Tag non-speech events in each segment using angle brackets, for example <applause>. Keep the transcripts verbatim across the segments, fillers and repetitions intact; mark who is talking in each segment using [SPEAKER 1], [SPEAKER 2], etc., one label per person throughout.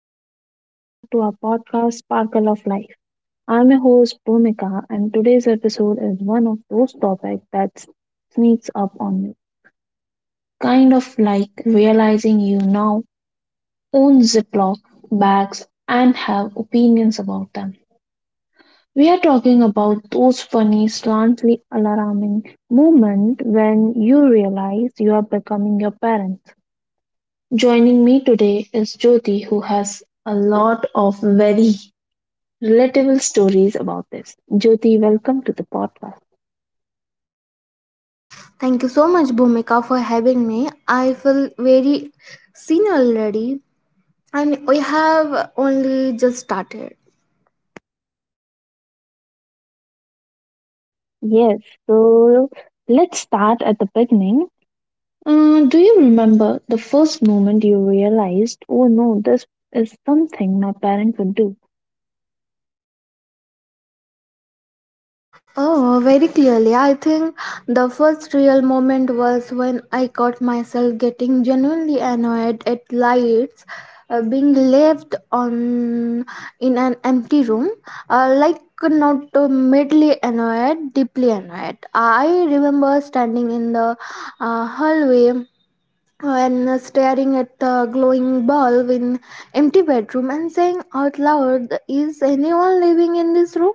[SPEAKER 1] Hello and welcome back to our podcast, Sparkle of Life. I'm your host, Bhumika, and today's episode is one of those topics that sneaks up on you. Kind of like realizing you now own Ziploc bags and have opinions about them. We are talking about those funny, slantly alarming moments when you realize you are becoming your parents. Joining me today is Jyoti, who has a lot of very relatable stories about this. Jyoti, welcome to the podcast.
[SPEAKER 2] Thank you so much, Bhumika, for having me. I feel very seen already, and we have only just started.
[SPEAKER 1] Yes, so let's start at the beginning. Uh, do you remember the first moment you realized, oh no, this is something my parent would do?
[SPEAKER 2] Oh, very clearly. I think the first real moment was when I caught myself getting genuinely annoyed at lights uh, being left on in an empty room. Uh, like not uh, madly annoyed, deeply annoyed. I remember standing in the uh, hallway when staring at the glowing bulb in empty bedroom and saying out loud, is anyone living in this room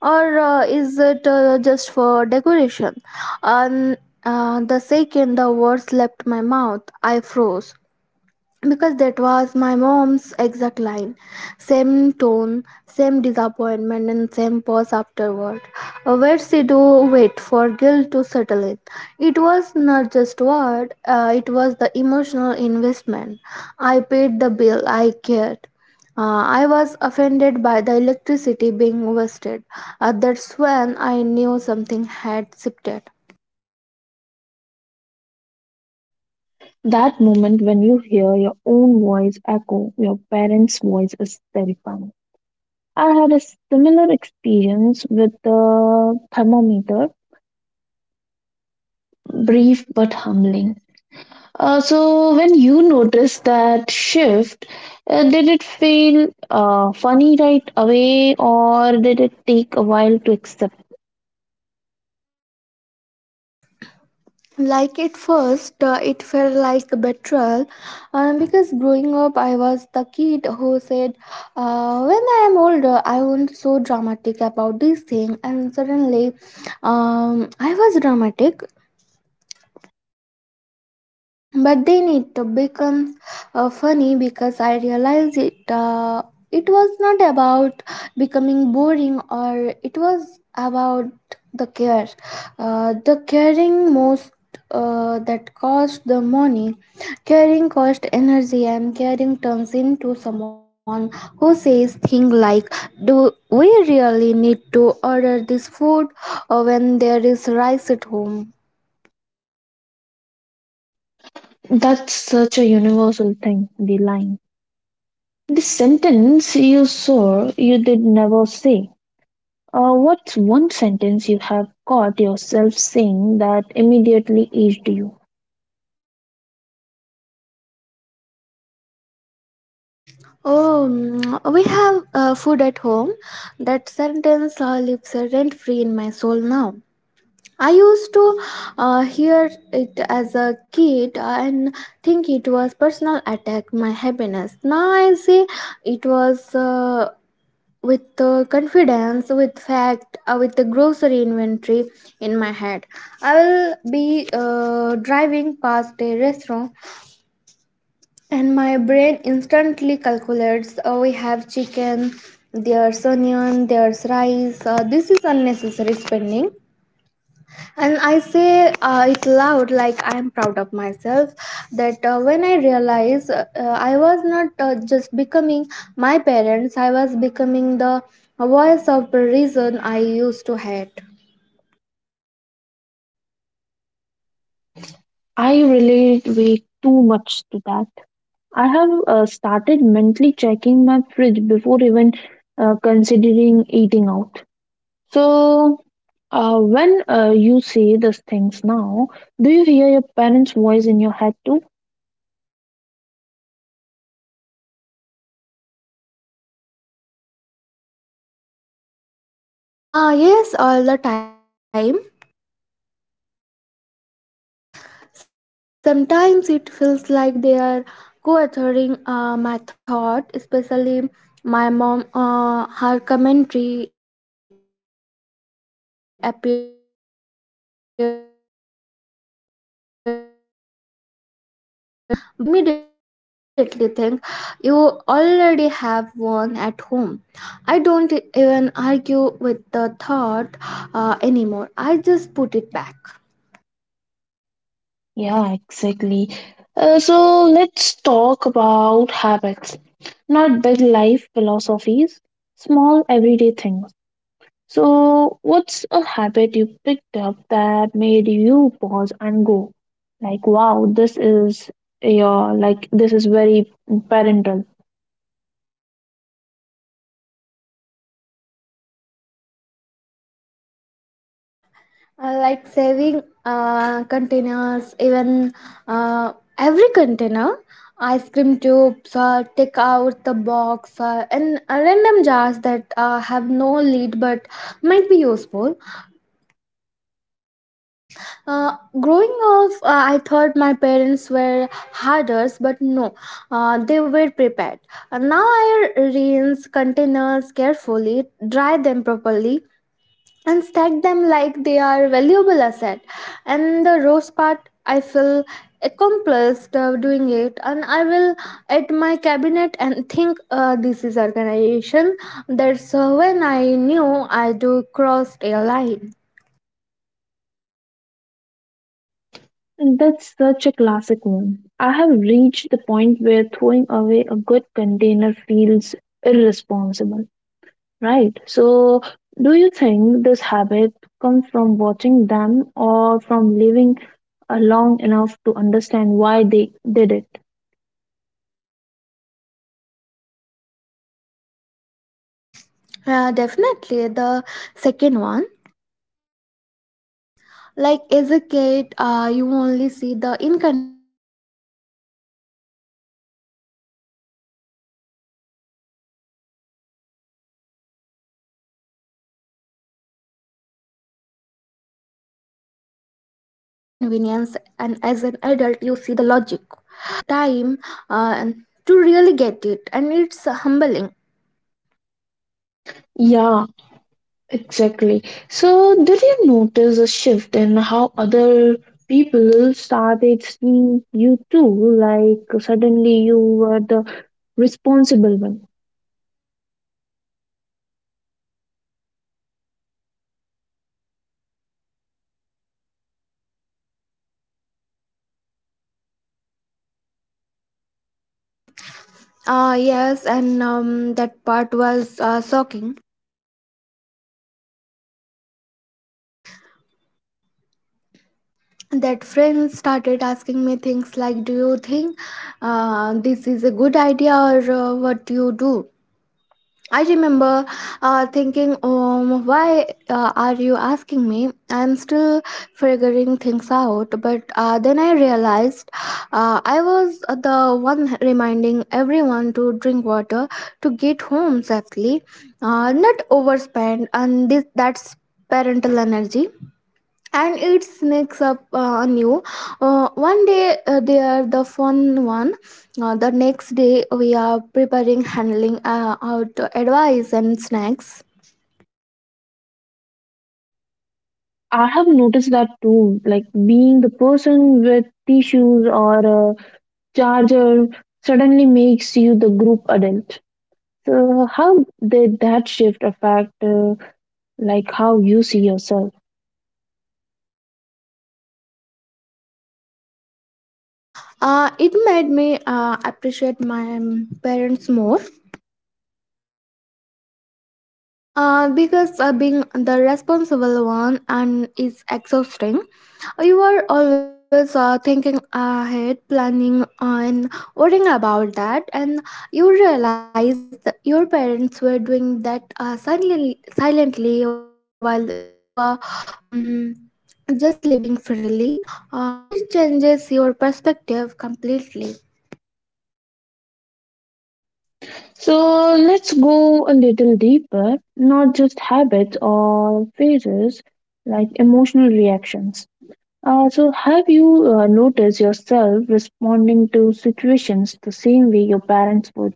[SPEAKER 2] or uh, is it uh, just for decoration? And uh, the second the words left my mouth, I froze, because that was my mom's exact line. Same tone, same disappointment, and same pause afterward. Uh, where she do wait for guilt to settle it it was not just word. Uh, it was the emotional investment. I paid the bill. I cared. Uh, i was offended by the electricity being wasted. Uh, that's when I knew something had shifted.
[SPEAKER 1] That moment when you hear your own voice echo your parents' voice is terrifying. I had a similar experience with the thermometer, brief but humbling. Uh, so when you noticed that shift, uh, did it feel uh, funny right away, or did it take a while to accept?
[SPEAKER 2] Like at first, uh, it felt like a betrayal, uh, because growing up I was the kid who said, uh, when I am older I won't so dramatic about this thing. And suddenly, um, I was dramatic. But then it becomes uh, funny, because I realized it. Uh, it was not about becoming boring, or it was about the care, uh, the caring most, uh, that cost the money. Caring cost energy, and caring turns into someone who says things like, do we really need to order this food uh, when there is rice at home?
[SPEAKER 1] That's such a universal thing. The line, the sentence you saw, you did never say. Uh, what's one sentence you have caught yourself saying that immediately aged you?
[SPEAKER 2] Oh, mm, we have uh, food at home. That sentence uh, lives rent free in my soul now. I used to uh, hear it as a kid and think it was personal attack my happiness. Now I see it was, uh, with uh, confidence, with fact, uh, with the grocery inventory in my head. I will be uh, driving past a restaurant, and my brain instantly calculates, oh, we have chicken, there's onion, there's rice, uh, this is unnecessary spending. And I say uh, it loud, like I am proud of myself. That uh, when I realize, uh, uh, I was not uh, just becoming my parents, I was becoming the voice of the reason I used to hate.
[SPEAKER 1] I relate way too much to that. I have uh, started mentally checking my fridge before even uh, considering eating out. So, uh, when uh, you say these things now, do you hear your parents' voice in your head too?
[SPEAKER 2] Ah, yes, all the time. Sometimes it feels like they are co-authoring uh, my thought, especially my mom. Uh, her commentary appears when uh, I least expect it. Like when I am buying cleaning supplies, I will reach for something unnecessary and immediately think, you already have one at home. I don't even argue with the thought uh, anymore. I just put it back.
[SPEAKER 1] Yeah, exactly. Uh, so, let's talk about habits, not big life philosophies, small everyday things. So, what's a habit you picked up that made you pause and go, like, wow, this is your, like, this is very parental?
[SPEAKER 2] uh, like saving uh, containers, even uh, every container. Ice cream tubes, uh, take out the box, uh, and uh, random jars that uh, have no lid but might be useful. Uh, growing up, uh, I thought my parents were harders. But no, uh, they were prepared. Uh, now I rinse containers carefully, dry them properly, and stack them like they are valuable asset. And the roast part, I feel accomplished uh, doing it, and I will at my cabinet and think, uh, this is organization. That's uh, when I knew I do crossed a line.
[SPEAKER 1] That's such a classic one. I have reached the point where throwing away a good container feels irresponsible, right? So, do you think this habit comes from watching them or from living uh, long enough to understand why they did it?
[SPEAKER 2] Uh, definitely the second one. Like as a kid, uh, you only see the inconvenience, and as an adult, you see the logic. Uh, life teaches you the lesson your parents were trying to explain, but you need uh, the bills, the exertion, and the limited to time uh, to really get it, and it's humbling.
[SPEAKER 1] Yeah, exactly. So, did you notice a shift in how other people started seeing you too? Like, suddenly you were the responsible one.
[SPEAKER 2] Uh, yes, and um, that part was uh, shocking. That friend started asking me things like, do you think uh, this is a good idea, or uh, what do you do? I remember uh, thinking, um, why uh, are you asking me, I'm still figuring things out. But uh, then I realized, uh, I was the one reminding everyone to drink water, to get home safely, uh, not overspend. And this that's parental energy, and it sneaks up uh, on you. Uh, one day, uh, they are the fun one. Uh, the next day we are preparing, handling uh, out advice and snacks.
[SPEAKER 1] I have noticed that too. Like, being the person with tissues or a charger suddenly makes you the group adult. So, how did that shift affect, uh, like, how you see yourself?
[SPEAKER 2] Uh, it made me uh, appreciate my um, parents more, uh, because uh, being the responsible one and is exhausting. You are always uh, thinking ahead, planning, and worrying about that, and you realize that your parents were doing that uh, silently, silently while you are um, just living freely. Uh, it changes your perspective completely.
[SPEAKER 1] So let's go a little deeper, not just habits or phases, like emotional reactions. Uh, so, have you uh, noticed yourself responding to situations the same way your parents would?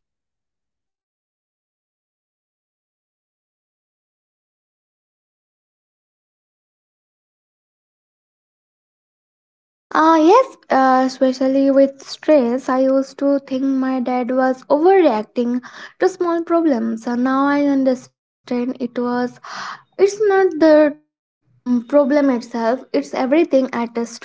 [SPEAKER 2] Ah, yes, uh, especially with stress, I used to think my dad was overreacting to small problems. And now I understand it was, it's not the mm, problem itself, it's everything attached to it.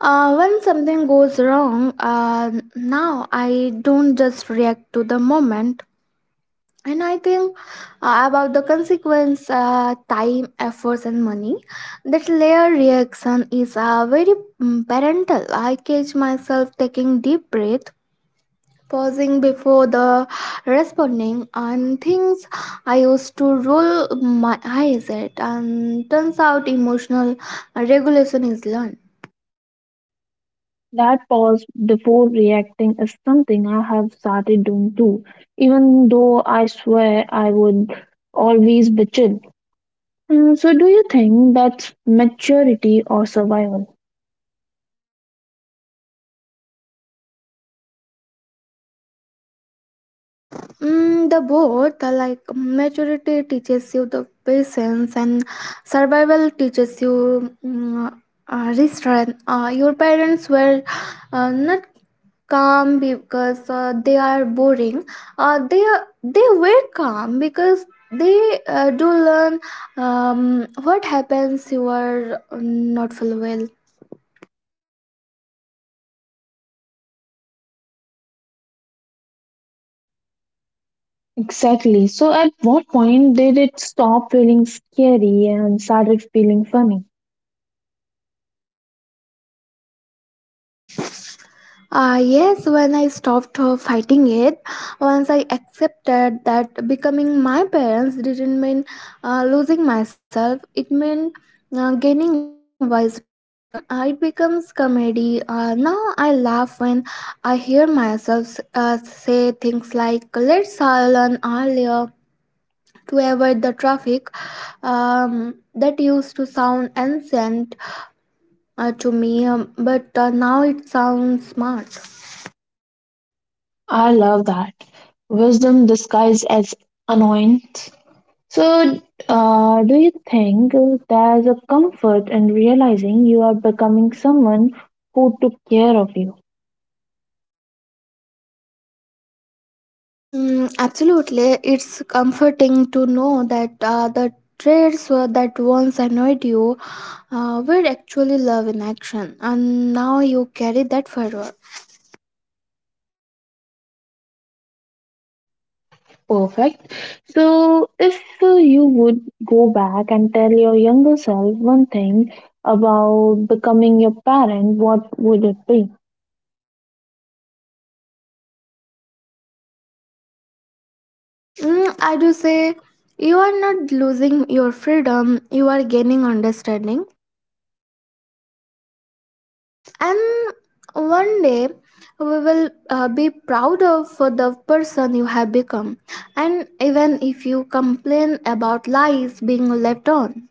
[SPEAKER 2] Uh, when something goes wrong, uh, now I don't just react to the moment. And I think uh, about the consequence, uh, time, efforts, and money. That layer reaction is uh, very, mm, parental. I catch myself taking deep breath, pausing before the responding, and things I used to roll my eyes at. And turns out emotional regulation is learned.
[SPEAKER 1] That pause before reacting is something I have started doing too, even though I swear I would always be chill. Uh, so, do you think that's maturity or survival?
[SPEAKER 2] Mm, the both the like maturity teaches you the patience, and survival teaches you mm, uh, restraint. Uh, your parents were uh, not calm because uh, they are boring. Uh, they they were calm because they uh, do learn um, what happens you are uh, not full well.
[SPEAKER 1] Exactly. So, at what point did it stop feeling scary and started feeling funny?
[SPEAKER 2] Uh, yes, when I stopped uh, fighting it, once I accepted that becoming my parents didn't mean uh, losing myself, it meant uh, gaining wisdom. Uh, it becomes comedy. Uh, now I laugh when I hear myself uh, say things like, let's all learn earlier to avoid the traffic. Um, that used to sound ancient uh, to me, um, but uh, now it sounds smart.
[SPEAKER 1] I love that. Wisdom disguised as annoyance. So, uh, do you think there's a comfort in realizing you are becoming someone who took care of you?
[SPEAKER 2] Mm, absolutely. It's comforting to know that uh, the traits were- that once annoyed you uh, were actually love in action, and now you carry that forward.
[SPEAKER 1] Perfect. So, if uh, you would go back and tell your younger self one thing about becoming your parent, what would it be?
[SPEAKER 2] Mm, I do say, you are not losing your freedom, you are gaining understanding. And one day we will uh, be proud of for the person you have become, and even if you complain about lies being left on.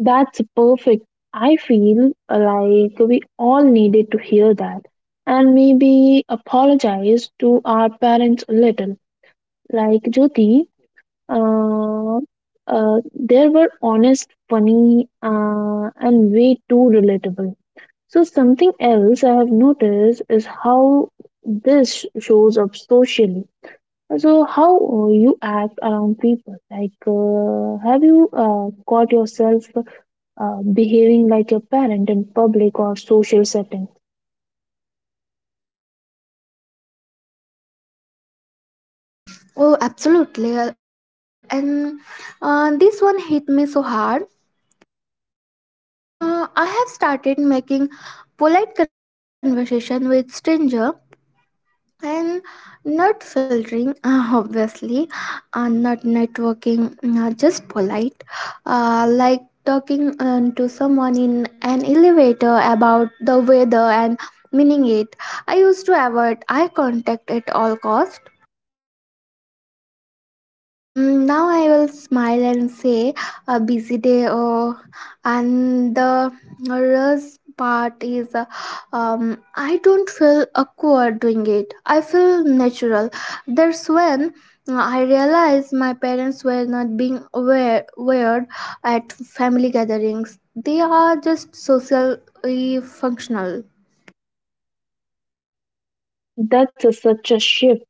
[SPEAKER 1] That's perfect. I feel like we all needed to hear that and maybe apologize to our parents a little. Like Jyoti, uh, uh, they were honest, funny, uh, and way too relatable. So, something else I have noticed is how this shows up socially. So, how uh, you act around people. Like, uh, have you uh, caught yourself uh, behaving like a parent in public or social settings?
[SPEAKER 2] Oh, absolutely. Uh, And uh, this one hit me so hard. Uh, I have started making polite conversation with stranger and not filtering, <laughs> uh, obviously, uh, not networking, uh, just polite. Uh, like talking um, to someone in an elevator about the weather and meaning it. I used to avoid eye contact at all cost. Um, now I will smile and say, a busy day. Oh, and the worst part is, uh, um, I don't feel awkward doing it. I feel natural. That's when uh, I realized my parents were not being aware weird at family gatherings. They are just socially functional.
[SPEAKER 1] That's a, such a shift,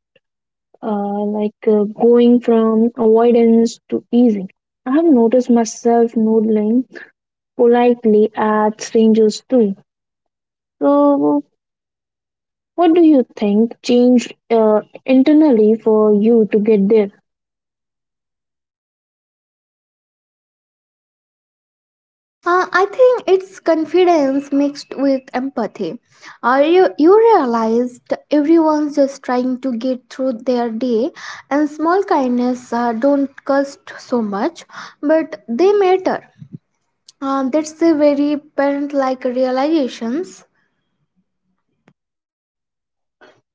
[SPEAKER 1] uh, like uh, going from avoidance to easing. I have noticed myself nodding politely at strangers too. So, what do you think changed uh, internally for you to get there?
[SPEAKER 2] Uh, I think it's confidence mixed with empathy. Uh, you, you realized everyone's just trying to get through their day, and small kindness uh, don't cost so much, but they matter. Uh, that's a very parent like realizations.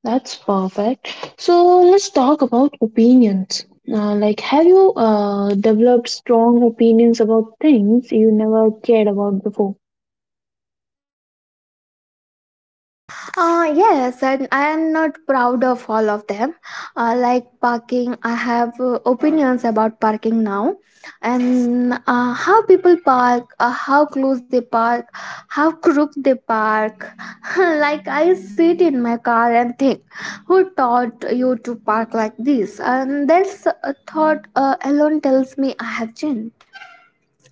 [SPEAKER 1] That's perfect. So, let's talk about opinions. Uh, like, have you uh, developed strong opinions about things you never cared about before?
[SPEAKER 2] Uh, yes, and I am not proud of all of them. Uh, like parking, I have uh, opinions about parking now, and uh, how people park, uh, how close they park, how crooked they park. <laughs> Like I sit in my car and think, who taught you to park like this? And that's a thought uh, alone tells me I have changed.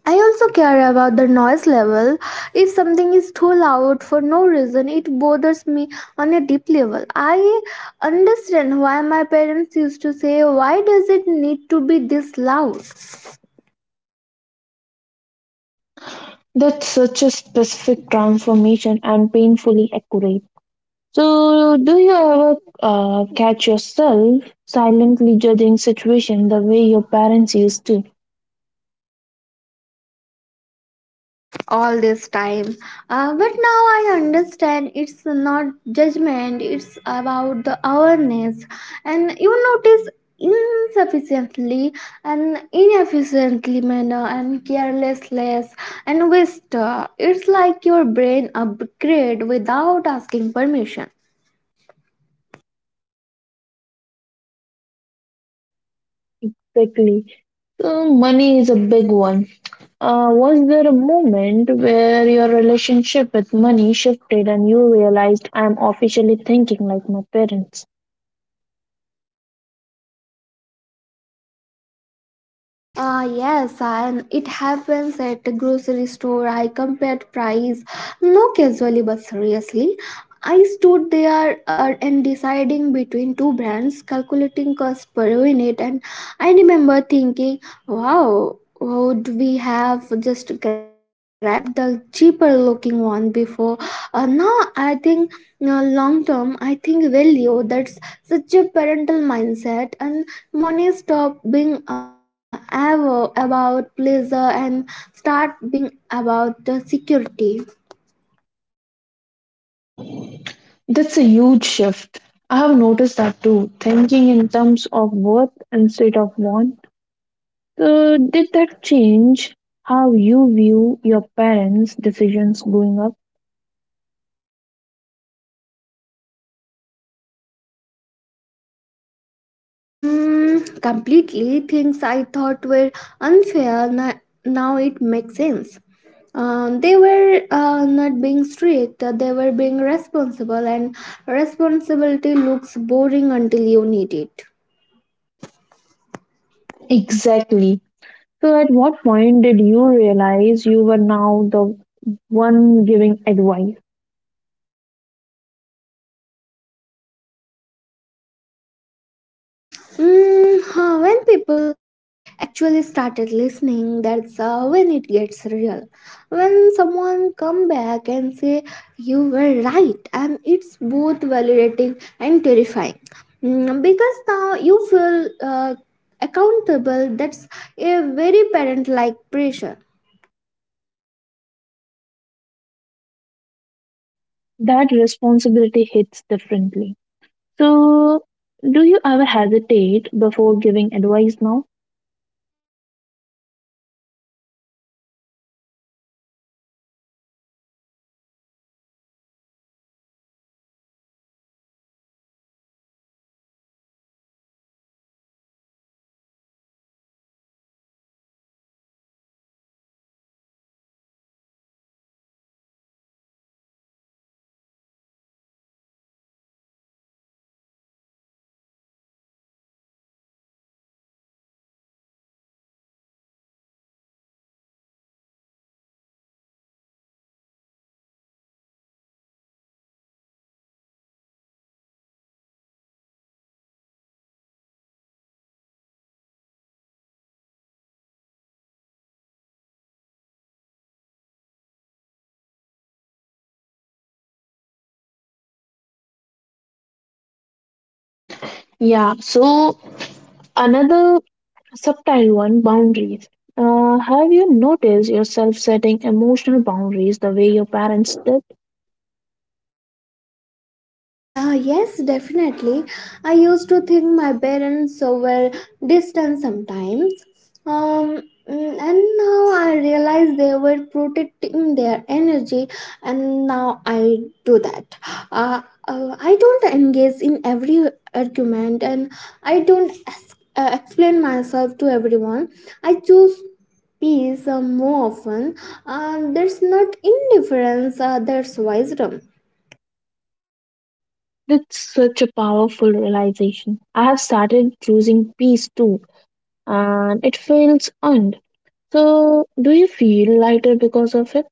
[SPEAKER 2] I also care about the noise level. If something is too loud for no reason, it bothers me on a deep level. I understand why my parents used to say, why does it need to be this loud?
[SPEAKER 1] That's such a specific transformation and painfully accurate. So, do you ever uh, catch yourself silently judging situation the way your parents used to?
[SPEAKER 2] All this time, uh, but now I understand, it's not judgment, it's about the awareness, and you notice insufficiently and inefficiently manner and carelessness and waste. Uh, it's like your brain upgrade without asking permission.
[SPEAKER 1] Quickly, so money is a big one. Uh, was there a moment where your relationship with money shifted and you realized I'm officially thinking like my parents?
[SPEAKER 2] Uh, yes, and it happens at the grocery store. I compared price, no casually but seriously. I stood there uh, and deciding between two brands, calculating cost per unit, and I remember thinking, "Wow, would we have just grabbed the cheaper looking one before?" Uh, now I think uh, long term, I think value. That's such a parental mindset, and money stop being uh, ever about pleasure and start being about the security.
[SPEAKER 1] That's a huge shift. I have noticed that too. Thinking in terms of worth instead of want. So, did that change how you view your parents' decisions growing up?
[SPEAKER 2] Mm, completely, things I thought were unfair na- now it makes sense. Um, they were uh, not being strict, they were being responsible, and responsibility looks boring until you need it.
[SPEAKER 1] Exactly. So, at what point did you realize you were now the one giving advice?
[SPEAKER 2] Mm, huh, when people actually started listening, that's uh, when it gets real. When someone come back and say you were right, and it's both validating and terrifying. Mm, because now you feel uh, accountable. That's a very parent-like pressure.
[SPEAKER 1] That responsibility hits differently. So, do you ever hesitate before giving advice now?
[SPEAKER 2] Mm, another subtle uh, one, like, uh, uh, yes, uh, because you realize word carry the weight, and you are not just talking, you are influencing someone's choice, that awareness did not exist before.
[SPEAKER 1] Yeah, so another subtle one, boundaries. Uh, have you noticed yourself setting emotional boundaries the way your parents did?
[SPEAKER 2] Uh, yes, definitely. I used to think my parents so were distant sometimes. Um, mm, and now I realize they were protecting their energy, and now I do that. Uh, uh, I don't engage in every argument, and I don't es- uh, explain myself to everyone. I choose peace uh, more often. Uh, there's not indifference, uh, there's wisdom.
[SPEAKER 1] That's such a powerful realization. I have started choosing peace too, and it feels earned. So, do you feel lighter because of it?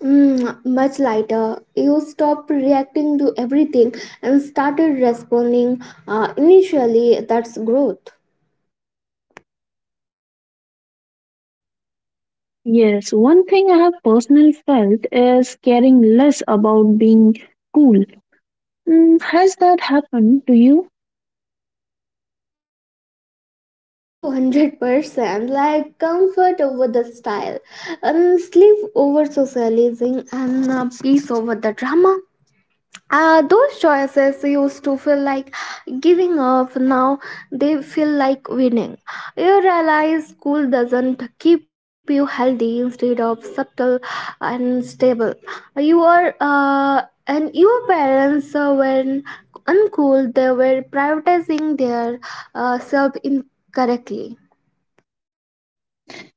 [SPEAKER 2] Mm, much lighter. You stopped reacting to everything and started responding. Uh, initially, that's growth.
[SPEAKER 1] Yes, one thing I have personally felt is caring less about being cool. Mm, has that happened to you?
[SPEAKER 2] Oh, one hundred percent. Like comfort over the style, and sleep over socializing, and uh, peace over the drama. Uh, those choices used to feel like giving up. Now they feel like winning. You realize school doesn't keep you healthy, instead of subtle and stable. You are uh, and your parents uh, were uncool. They were prioritizing their uh, self incorrectly.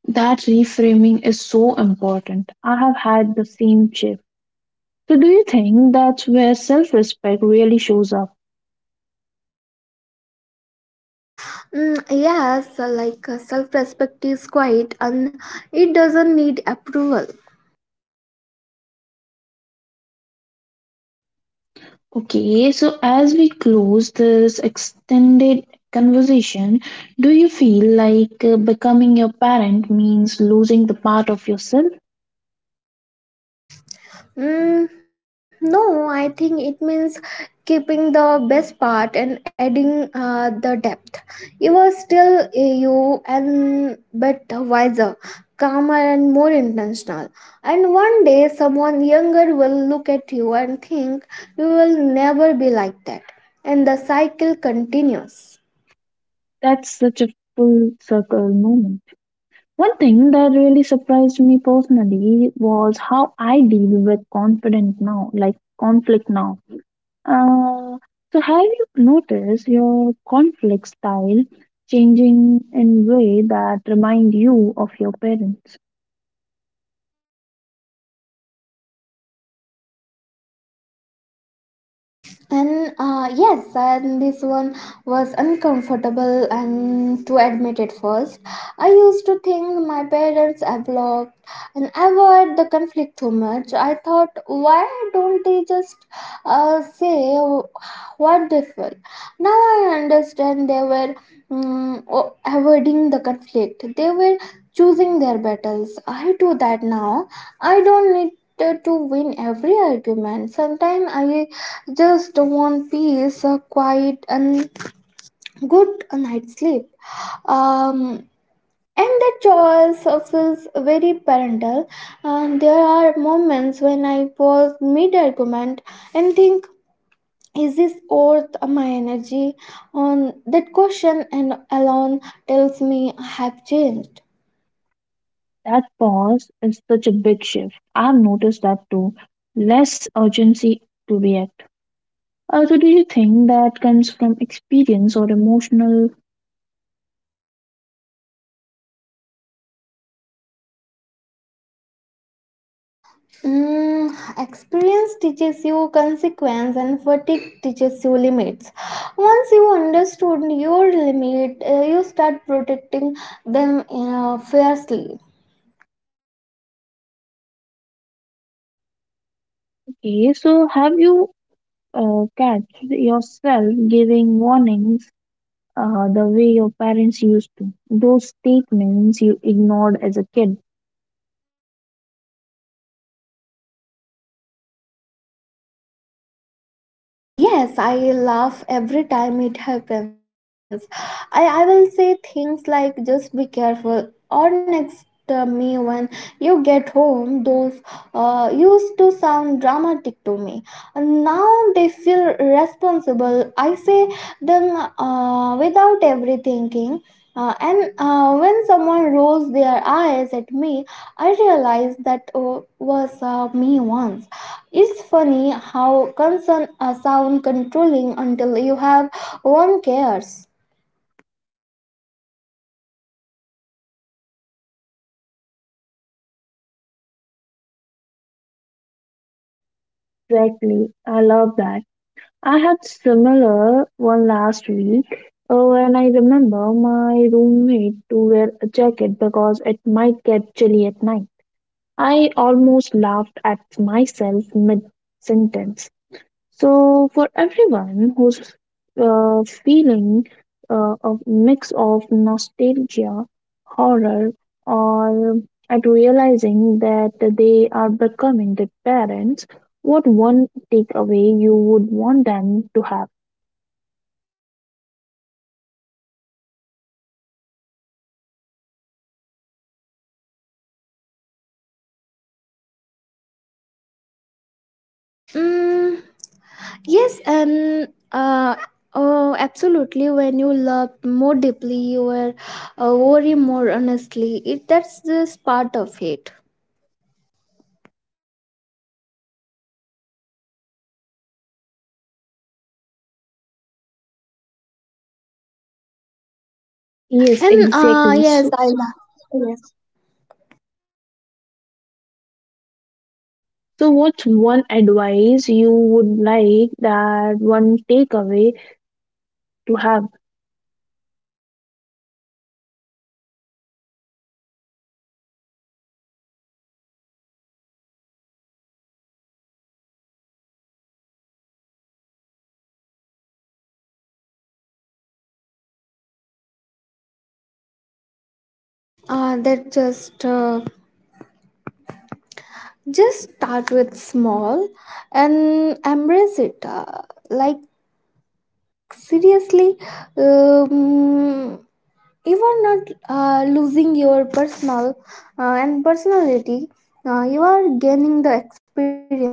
[SPEAKER 1] That reframing is so important. I have had the same shift. So, do you think that's where self respect really shows up?
[SPEAKER 2] Mm, yes, like uh, self respect is quiet and it doesn't need approval.
[SPEAKER 1] Okay, so as we close this extended conversation, do you feel like uh, becoming your parent means losing the part of yourself?
[SPEAKER 2] Mm, no, I think it means keeping the best part and adding uh, the depth. You are still uh, you and but wiser, calmer, and more intentional. And one day, someone younger will look at you and think you will never be like that. And the cycle continues.
[SPEAKER 1] That's such a full circle moment. One thing that really surprised me personally was how I deal with confident now, like conflict now. Uh, so have you noticed your conflict style changing in way that remind you of your parents?
[SPEAKER 2] And uh, Yes, and this one was uncomfortable and to admit it first, I used to think my parents have and avoid the conflict too much. I thought, why don't they just uh, say what they feel? Now I understand, they were mm, o- avoiding the conflict. They were choosing their battles. I do that now. I don't need to to win every argument. Sometimes I just want peace, a quiet and good night's sleep. Um, and that choice uh, feels very parental. And there are moments when I pause mid argument and think, is this worth my energy? On that question and alone tells me I have changed.
[SPEAKER 1] That pause is such a big shift. I've noticed that too. Less urgency to react. Uh, so, do you think that comes from experience or emotional
[SPEAKER 2] Mm, experience teaches you consequence and fatigue teaches you limits. Once you understood your limit, uh, you start protecting them uh, fiercely.
[SPEAKER 1] case? So, have you uh, catched yourself giving warnings uh, the way your parents used to? Those statements you ignored as a kid.
[SPEAKER 2] Um, yes, I laugh every time it happens. I, I will say things like just be careful, or next uh, me when you get home. Those uh, used to sound dramatic to me. Now they feel responsible. I say them uh, without every thinking. Uh, and uh, When someone rolls their eyes at me, I realize that uh, was uh, me once. It's funny how concern uh, sound controlling until you have one cares.
[SPEAKER 1] Exactly. I love that. I had similar one last week uh, and I remember my roommate to wear a jacket because it might get chilly at night. I almost laughed at myself mid sentence. So for everyone who's uh, feeling uh, a mix of nostalgia, horror, or at realizing that they are becoming the parents, what one takeaway you would want them to have?
[SPEAKER 2] Mm, yes, and uh, Oh, absolutely. When you loved more deeply, you were uh, worry more honestly. It that's just part of it.
[SPEAKER 1] Yes,
[SPEAKER 2] And uh,
[SPEAKER 1] exactly.
[SPEAKER 2] Yes,
[SPEAKER 1] So,
[SPEAKER 2] I love. Yes,
[SPEAKER 1] so what's one advice you would like that one takeaway to have?
[SPEAKER 2] uh, that just uh, just start with small and embrace it. Uh, like seriously, um, you are not uh, losing your personal uh, and personality, uh, you are gaining the experience,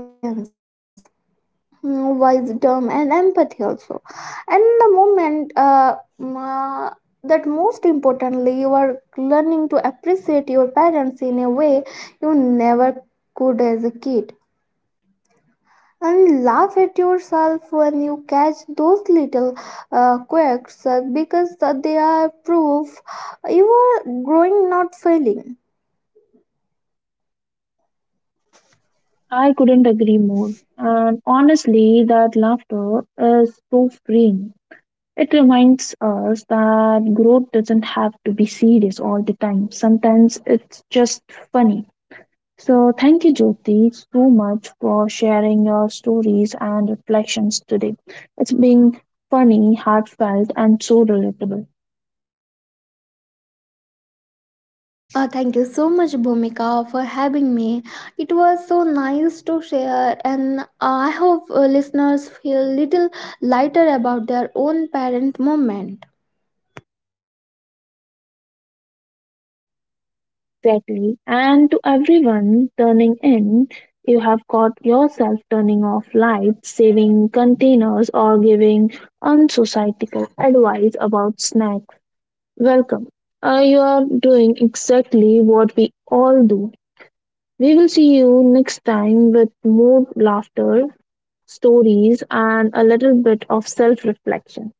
[SPEAKER 2] mm, wisdom and empathy also. And the moment, uh, mm, uh, that most importantly, you are learning to appreciate your parents in a way you never could as a kid, and laugh at yourself when you catch those little uh, quirks, uh, because uh, they are proof you are growing, not failing.
[SPEAKER 1] I couldn't agree more. And honestly, that laughter is so freeing. It reminds us that growth doesn't have to be serious all the time. Sometimes it's just funny. So, thank you, Jyoti, so much for sharing your stories and reflections today. It's been funny, heartfelt, and so relatable.
[SPEAKER 2] Uh, thank you so much, Bhumika, for having me. It was so nice to share, and I hope uh, listeners feel little lighter about their own parent moment.
[SPEAKER 1] Exactly. And to everyone turning in, you have caught yourself turning off lights, saving containers, or giving unsocietical advice about snacks. Welcome. Uh, you are doing exactly what we all do. We will see you next time with more laughter, stories, and a little bit of self reflection.